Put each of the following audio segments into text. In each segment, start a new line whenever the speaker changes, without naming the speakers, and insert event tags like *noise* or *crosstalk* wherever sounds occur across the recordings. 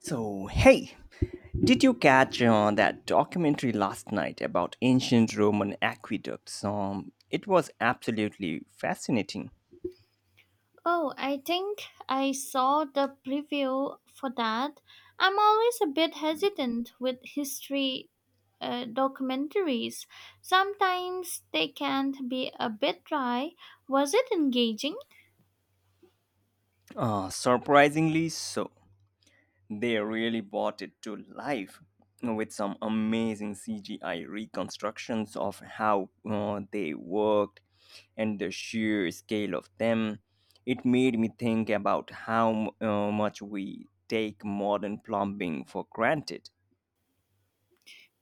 So, hey, did you catch that documentary last night about ancient Roman aqueducts? It was absolutely fascinating.
Oh, I think I saw the preview for that. I'm always a bit hesitant with history documentaries. Sometimes they can be a bit dry. Was it engaging?
Surprisingly so. They really brought it to life with some amazing CGI reconstructions of how they worked and the sheer scale of them. It made me think about how much we take modern plumbing for granted.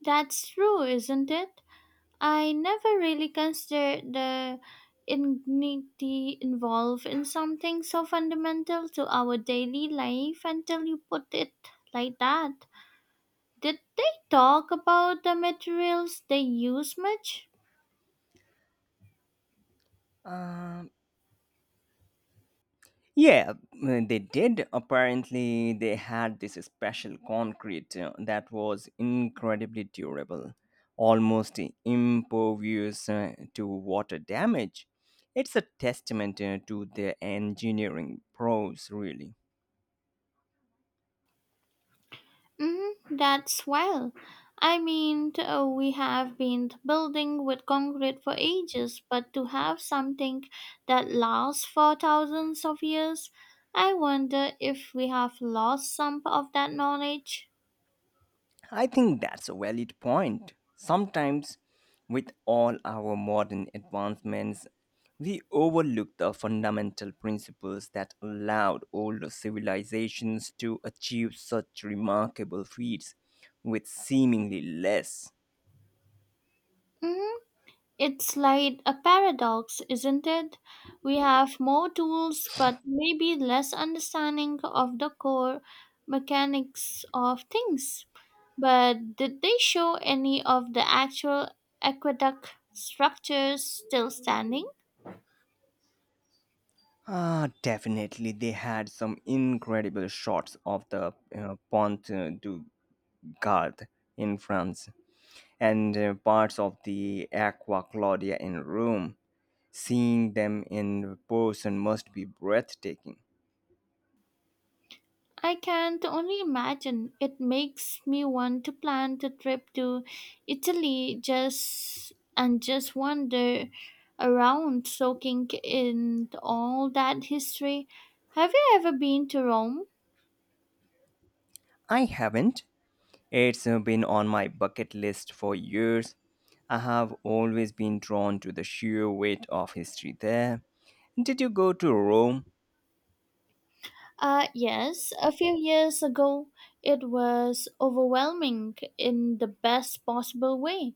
That's true, isn't it? I never really considered the indignity involved in something so fundamental to our daily life until you put it like that. Did they talk about the materials they use much?
Um, Yeah, mm, they did. Apparently, they had this special concrete that was incredibly durable, almost impervious to water damage. It's a testament to their engineering pros, really.
Mm, that's well. I mean, we have been building with concrete for ages, but to have something that lasts for thousands of years, I wonder if we have lost some of that knowledge.
I think that's a valid point. Sometimes, with all our modern advancements, we overlook the fundamental principles that allowed older civilizations to achieve such remarkable feats with seemingly less.
Hmm. It's like a paradox, isn't it? We have more tools, but maybe less understanding of the core mechanics of things. But did they show any of the actual aqueduct structures still standing?
Ah, definitely, they had some incredible shots of the Pont du Gard in France and parts of the Aqua Claudia in Rome. Seeing them in person must be breathtaking.
I can't only imagine. It makes me want to plan a trip to Italy just and just wander around soaking in all that history. Have you ever been to Rome?
I haven't. It's been on my bucket list for years. I have always been drawn to the sheer weight of history there. Did you go to Rome?
Yes, a few years ago it was overwhelming in the best possible way.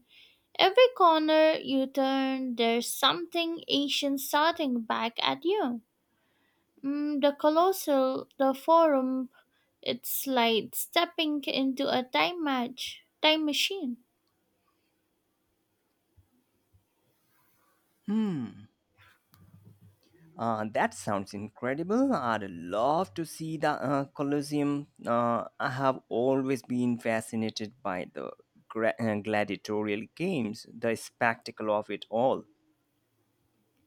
Every corner you turn, there's something ancient starting back at you. Mm, the Colossal, the Forum. It's like stepping into a time machine.
Hmm. That sounds incredible. I'd love to see the Colosseum. I have always been fascinated by the gladiatorial games, the spectacle of it all.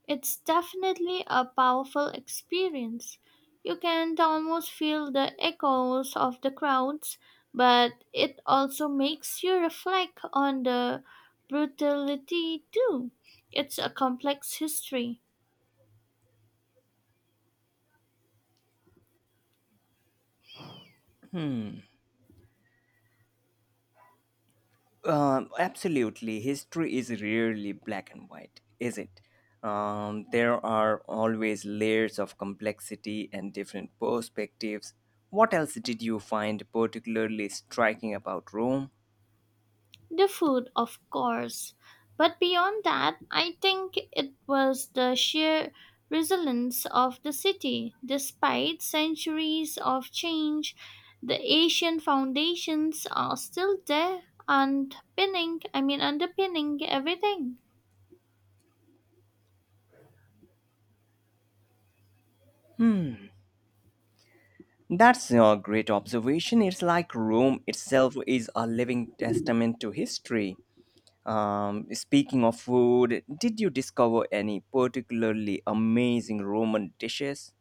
It's definitely a powerful experience. You can almost feel the echoes of the crowds, but it also makes you reflect on the brutality too. It's a complex history.
Hmm. Absolutely. History is rarely black and white, is it? There are always layers of complexity and different perspectives. What else did you find particularly striking about Rome?
The food, of course. But beyond that, I think it was the sheer resilience of the city. Despite centuries of change, the ancient foundations are still there underpinning, I mean underpinning everything.
Hmm. That's a great observation. It's like Rome itself is a living testament to history. Speaking of food, did you discover any particularly amazing Roman dishes?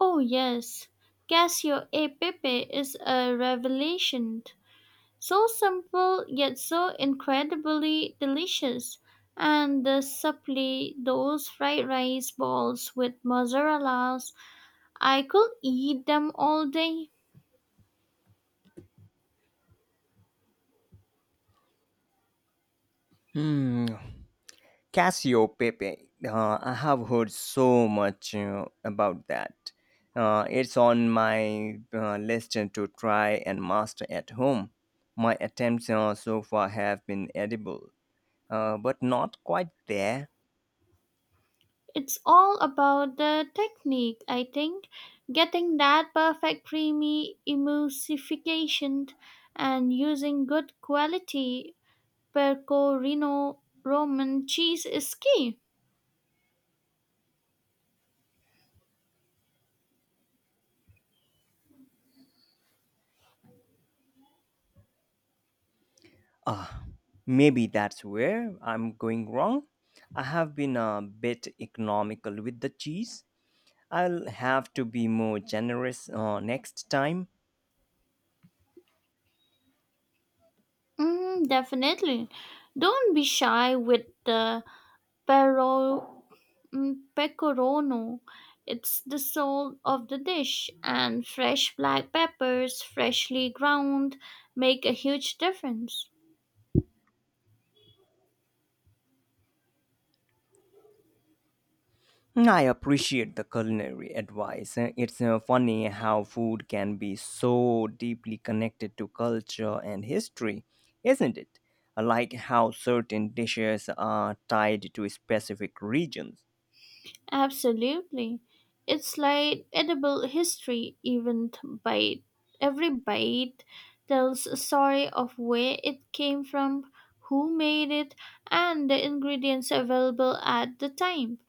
Oh yes, Casio e Pepe is a revelation. So simple yet so incredibly delicious. And the supply, those fried rice balls with mozzarella's, I could eat them all day.
Hmm, Cassio Pepe. I have heard so much about that. It's on my list to try and master at home. My attempts so far have been edible, but not quite there.
It's all about the technique, I think. Getting that perfect creamy emulsification and using good quality pecorino Roman cheese is key.
Ah, maybe that's where I'm going wrong. I have been a bit economical with the cheese. I'll have to be more generous next time.
Mm, definitely. Don't be shy with the pero pecorino. It's the soul of the dish, and fresh black peppers, freshly ground, make a huge difference.
I appreciate the culinary advice. It's funny how food can be so deeply connected to culture and history, isn't it? Like how certain dishes are tied to specific regions.
Absolutely. It's like edible history, even t- bite. Every bite tells a story of where it came from, who made it, and the ingredients available at the time.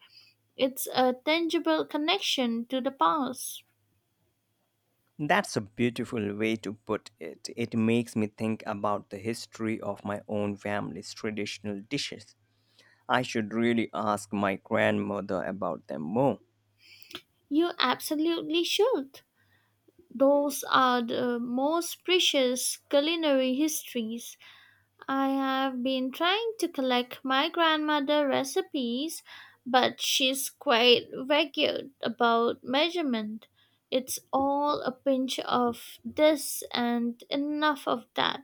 It's a tangible connection to the past.
That's a beautiful way to put it. It makes me think about the history of my own family's traditional dishes. I should really ask my grandmother about them more.
You absolutely should. Those are the most precious culinary histories. I have been trying to collect my grandmother recipes, but she's quite vague about measurement. It's all a pinch of this and enough of that.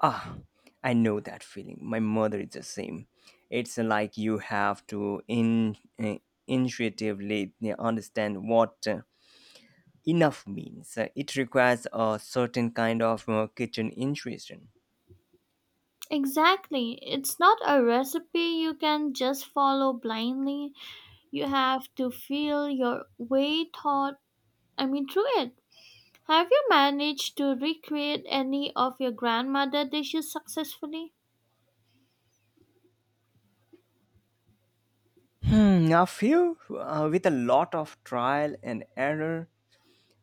Ah, I know that feeling. My mother is the same. It's like you have to intuitively yeah, understand what enough means. It requires a certain kind of kitchen intuition.
Exactly. It's not a recipe you can just follow blindly. You have to feel your way thought I mean through it. Have you managed to recreate any of your grandmother dishes successfully?
Hmm, a few with a lot of trial and error,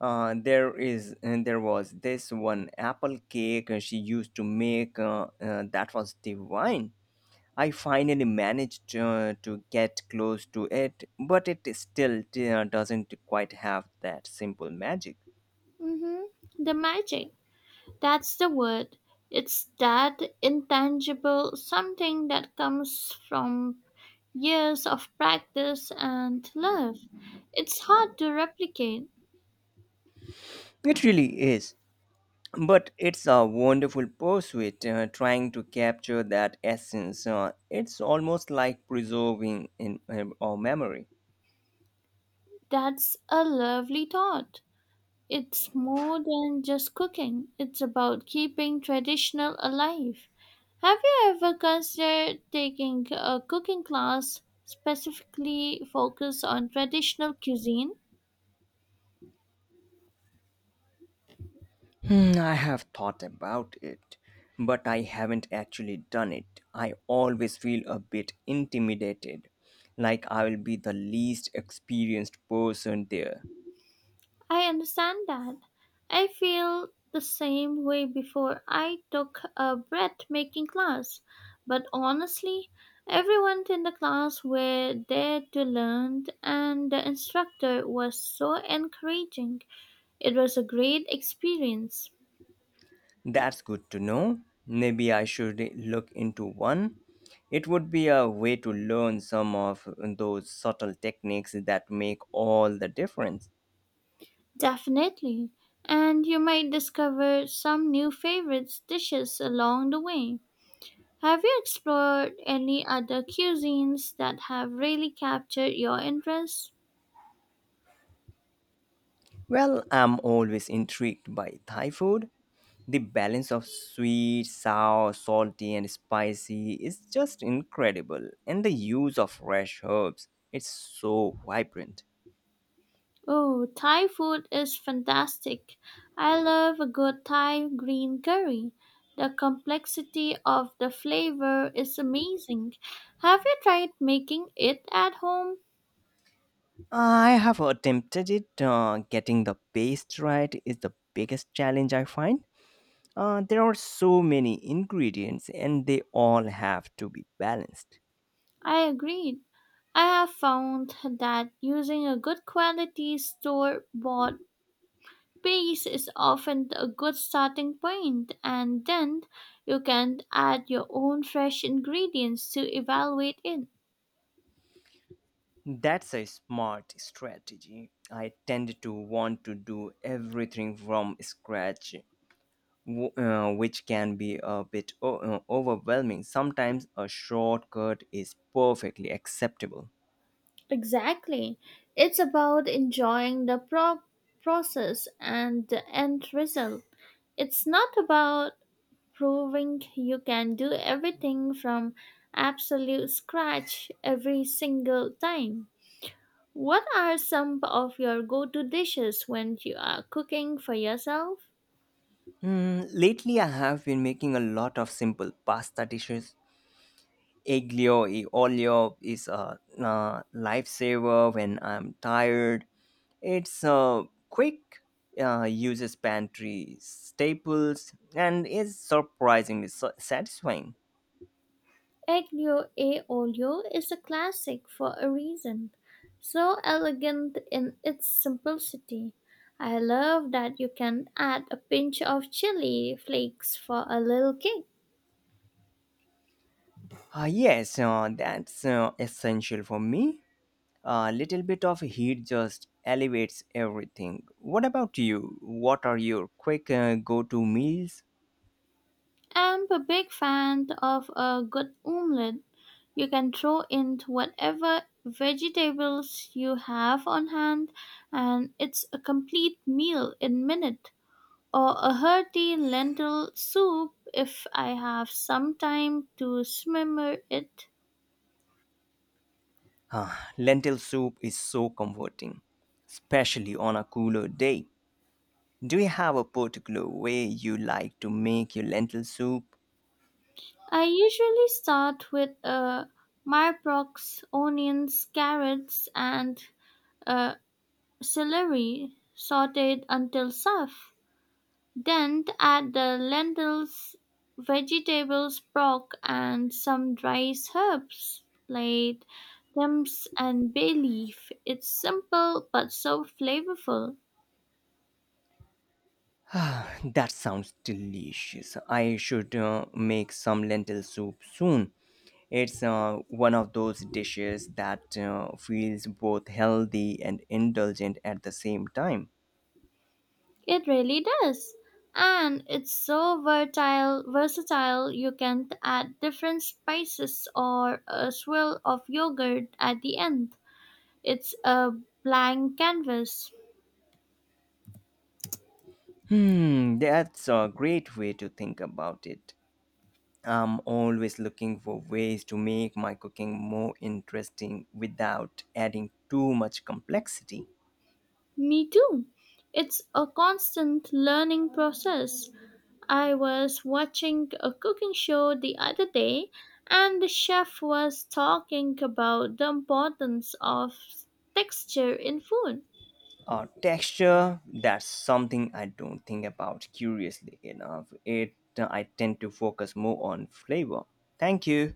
there is and there was this one apple cake she used to make that was divine. I finally managed to get close to it, but it still doesn't quite have that simple magic.
Mm-hmm. The magic. That's the word. It's that intangible something that comes from years of practice and love. It's hard to replicate.
It really is, but it's a wonderful pursuit, trying to capture that essence. It's almost like preserving in our memory.
That's a lovely thought. It's more than just cooking, it's about keeping traditional alive. Have you ever considered taking a cooking class specifically focused on traditional cuisine?
Hmm, I have thought about it, but I haven't actually done it. I always feel a bit intimidated, like I will be the least experienced person there.
I understand that. I feel the same way before I took a bread making class, but honestly, everyone in the class were there to learn and the instructor was so encouraging. It was a great experience,
That's good to know. Maybe I should look into one. It would be a way to learn some of those subtle techniques that make all the difference.
definitely, and you might discover some new favorites dishes along the way. Have you explored any other cuisines that have really captured your interest?
Well, I'm always intrigued by Thai food. The balance of sweet, sour, salty, and spicy is just incredible, and the use of fresh herbs, it's so vibrant.
Oh, Thai food is fantastic. I love a good Thai green curry. The complexity of the flavor is amazing. Have you tried making it at home?
I have attempted it. Getting the paste right is the biggest challenge I find. There are so many ingredients, and they all have to be balanced.
I agreed. I have found that using a good quality store bought base is often a good starting point, and then you can add your own fresh ingredients to evaluate it.
That's a smart strategy. I tend to want to do everything from scratch, which can be a bit overwhelming. Sometimes a shortcut is perfectly acceptable.
Exactly. It's about enjoying the process and the end result. It's not about proving you can do everything from absolute scratch every single time. What are some of your go-to dishes when you are cooking for yourself?
Mm, lately, I have been making a lot of simple pasta dishes. Aglio e olio is a lifesaver when I'm tired. It's a quick, uses pantry staples, and is surprisingly satisfying.
Aglio e olio is a classic for a reason. So elegant in its simplicity. I love that you can add a pinch of chili flakes for a little kick.
Yes, that's essential for me. A little bit of heat just elevates everything. What about you? What are your quick go to meals?
I'm a big fan of a good omelette. You can throw in whatever vegetables you have on hand, and it's a complete meal in minutes, or a hearty lentil soup if I have some time to simmer it.
Lentil soup is so comforting, especially on a cooler day. Do you have a particular way you like to make your lentil soup?
I usually start with a mirepoix, onions, carrots, and uh, celery sauteed until soft. Then add the lentils, vegetables, broth, and some dried herbs like thyme and bay leaf. It's simple but so flavorful.
*sighs* Ah, that sounds delicious. I should make some lentil soup soon. It's one of those dishes that feels both healthy and indulgent at the same time.
It really does. And it's so versatile you can t- add different spices or a swirl of yogurt at the end. It's a blank canvas.
Hmm, that's a great way to think about it. I'm always looking for ways to make my cooking more interesting without adding too much complexity.
Me too. It's a constant learning process. I was watching a cooking show the other day and the chef was talking about the importance of texture in food
Texture, that's something I don't think about curiously enough. It I tend to focus more on flavor. Thank you.